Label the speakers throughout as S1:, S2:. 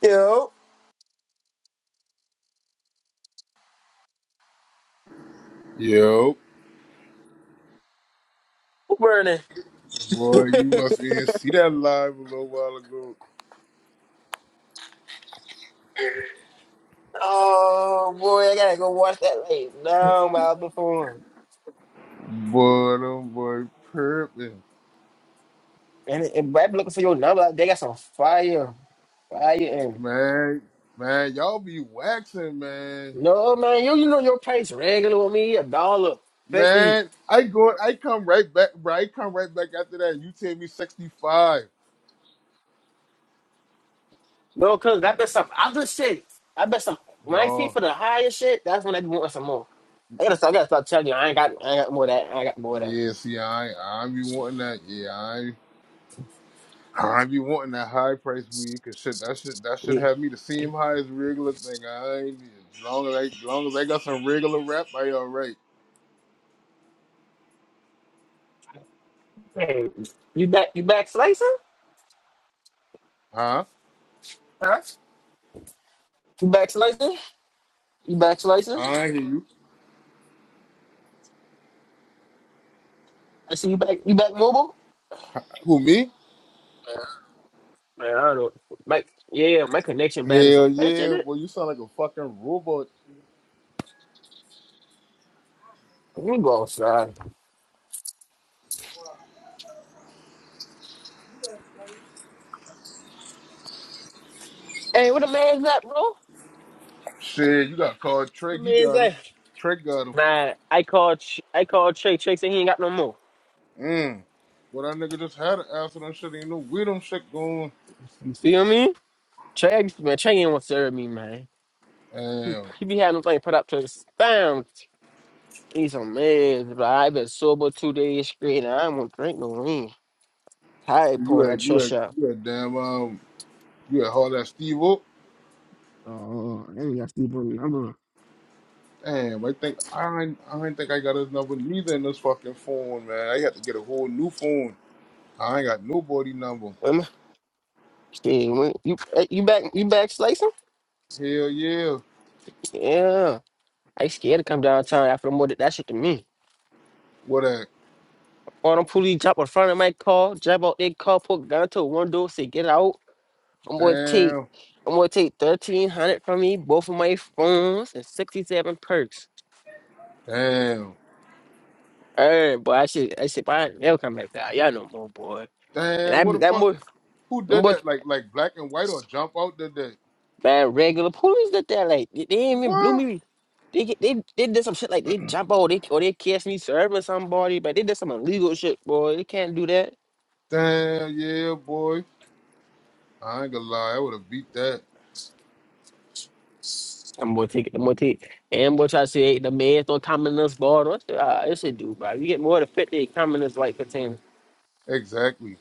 S1: Yo,
S2: Yo,
S1: who burning?
S2: boy, you must be in see that live a little while ago.
S1: Oh boy, I gotta go watch that late. No, my before.
S2: Boy, them boy purping.
S1: And and rap looking for your number, they got some fire, fire in.
S2: Man, man, y'all be waxing, man.
S1: No man, you you know your price regular with me a dollar fifty.
S2: Man, I go I come right back, bro. I come right back after that. You tell me 65.
S1: No, cause I bet some other shit. I bet some when I see
S2: No.
S1: for the higher shit, that's when I be wanting some more. I gotta stop. I gotta stop telling you I ain't got I ain't got more of that. I ain't got more of that.
S2: Yeah, see, I I be wanting that. Yeah, I I be wanting that high price weed, cause shit, that should that should
S1: Yeah.
S2: have me the same high as regular thing. I ain't as long as I as long as I got some regular rap, I alright.
S1: Hey, you back you back slicing?
S2: Huh?
S1: Huh? You back slicing? You back slicing?
S2: I hear you.
S1: I see you back. You back mobile?
S2: Who me?
S1: Man, I don't. My, yeah, my connection bad as a
S2: Hell
S1: bitch, in
S2: yeah,
S1: it.
S2: boy, you sound like a fucking robot.
S1: Let me go outside. Hey, what a man's at, bro? What
S2: Shit, you got called
S1: the
S2: Trey. He
S1: man
S2: got him.
S1: say?
S2: Trey got him.
S1: Nah, I called. Ch- I called Trey. Trey said he ain't got no more.
S2: Mm. Well, that nigga just had an accident. Shit ain't no weed on shit going.
S1: You feel me? Trey, man, Trey ain't want to serve me, man. He,
S2: Damn.
S1: he be having things put up to the stamp. He's a man, but I been sober two days straight, and I won't drink no lean. Tired
S2: You
S1: pouring that
S2: had you
S1: trust
S2: had
S1: out.
S2: you had damn um you had hard that Steve up.
S1: Oh, I ain't got sleep on the number.
S2: Damn, I think I ain't, I ain't think I got his number neither in this fucking phone, man. I got to get a whole new phone. I ain't got nobody number.
S1: Women, Shit, when- You eh, you back? You back slicing?
S2: Hell yeah.
S1: Yeah, I scared to come downtown after the murder. That shit to me.
S2: What that?
S1: Or them police drop in front of my car, jump out their car, put gun to the window, say get out. I'm gonna take,
S2: Damn.
S1: I'm gonna take thirteen hundred from me, both of my phones and sixty seven perks.
S2: Damn.
S1: Hey, boy, I should, I should, I never come back down. Y'all no more, boy.
S2: Damn.
S1: And
S2: What
S1: that,
S2: the
S1: that
S2: fuck?
S1: more,
S2: Who
S1: them
S2: did
S1: boy,
S2: that? Like like black and white or jump out did that?
S1: man, regular police did that. Like they, they ain't even blew
S2: What?
S1: me. They get, they, they did some shit like they jump out, they or they catch me serving somebody, but they did some illegal shit, boy. They can't do that.
S2: Damn yeah, boy. I ain't gonna lie, I would have beat that.
S1: I'm gonna take it. I'm gonna take it. And what I say, the man throw commoners ball. What the, uh, it's a dude, bro. You get more than 50 commoners like container.
S2: Exactly.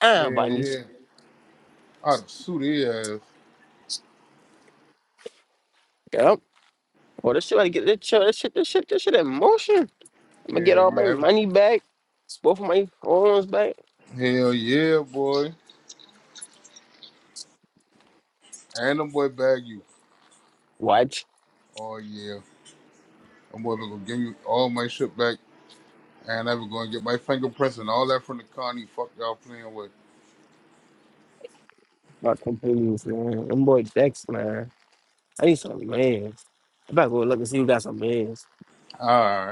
S1: Ah,
S2: Hell
S1: bunnies.
S2: yeah. I'd have sued his ass.
S1: Yep. Well, this shit, I get this shit, this shit, this shit, this shit in motion. I'm gonna get
S2: Hell
S1: all my
S2: yeah.
S1: money back, both of my arms back.
S2: Hell yeah, boy. And them boy bag you.
S1: Watch.
S2: Oh yeah. I'm gonna give you all my shit back. And I'm gonna get my fingerprints and all that from the county. Fuck y'all playing with.
S1: Not completely, man. Them boy Dex, man. I need some man. I better go look and see who got some man.
S2: All right.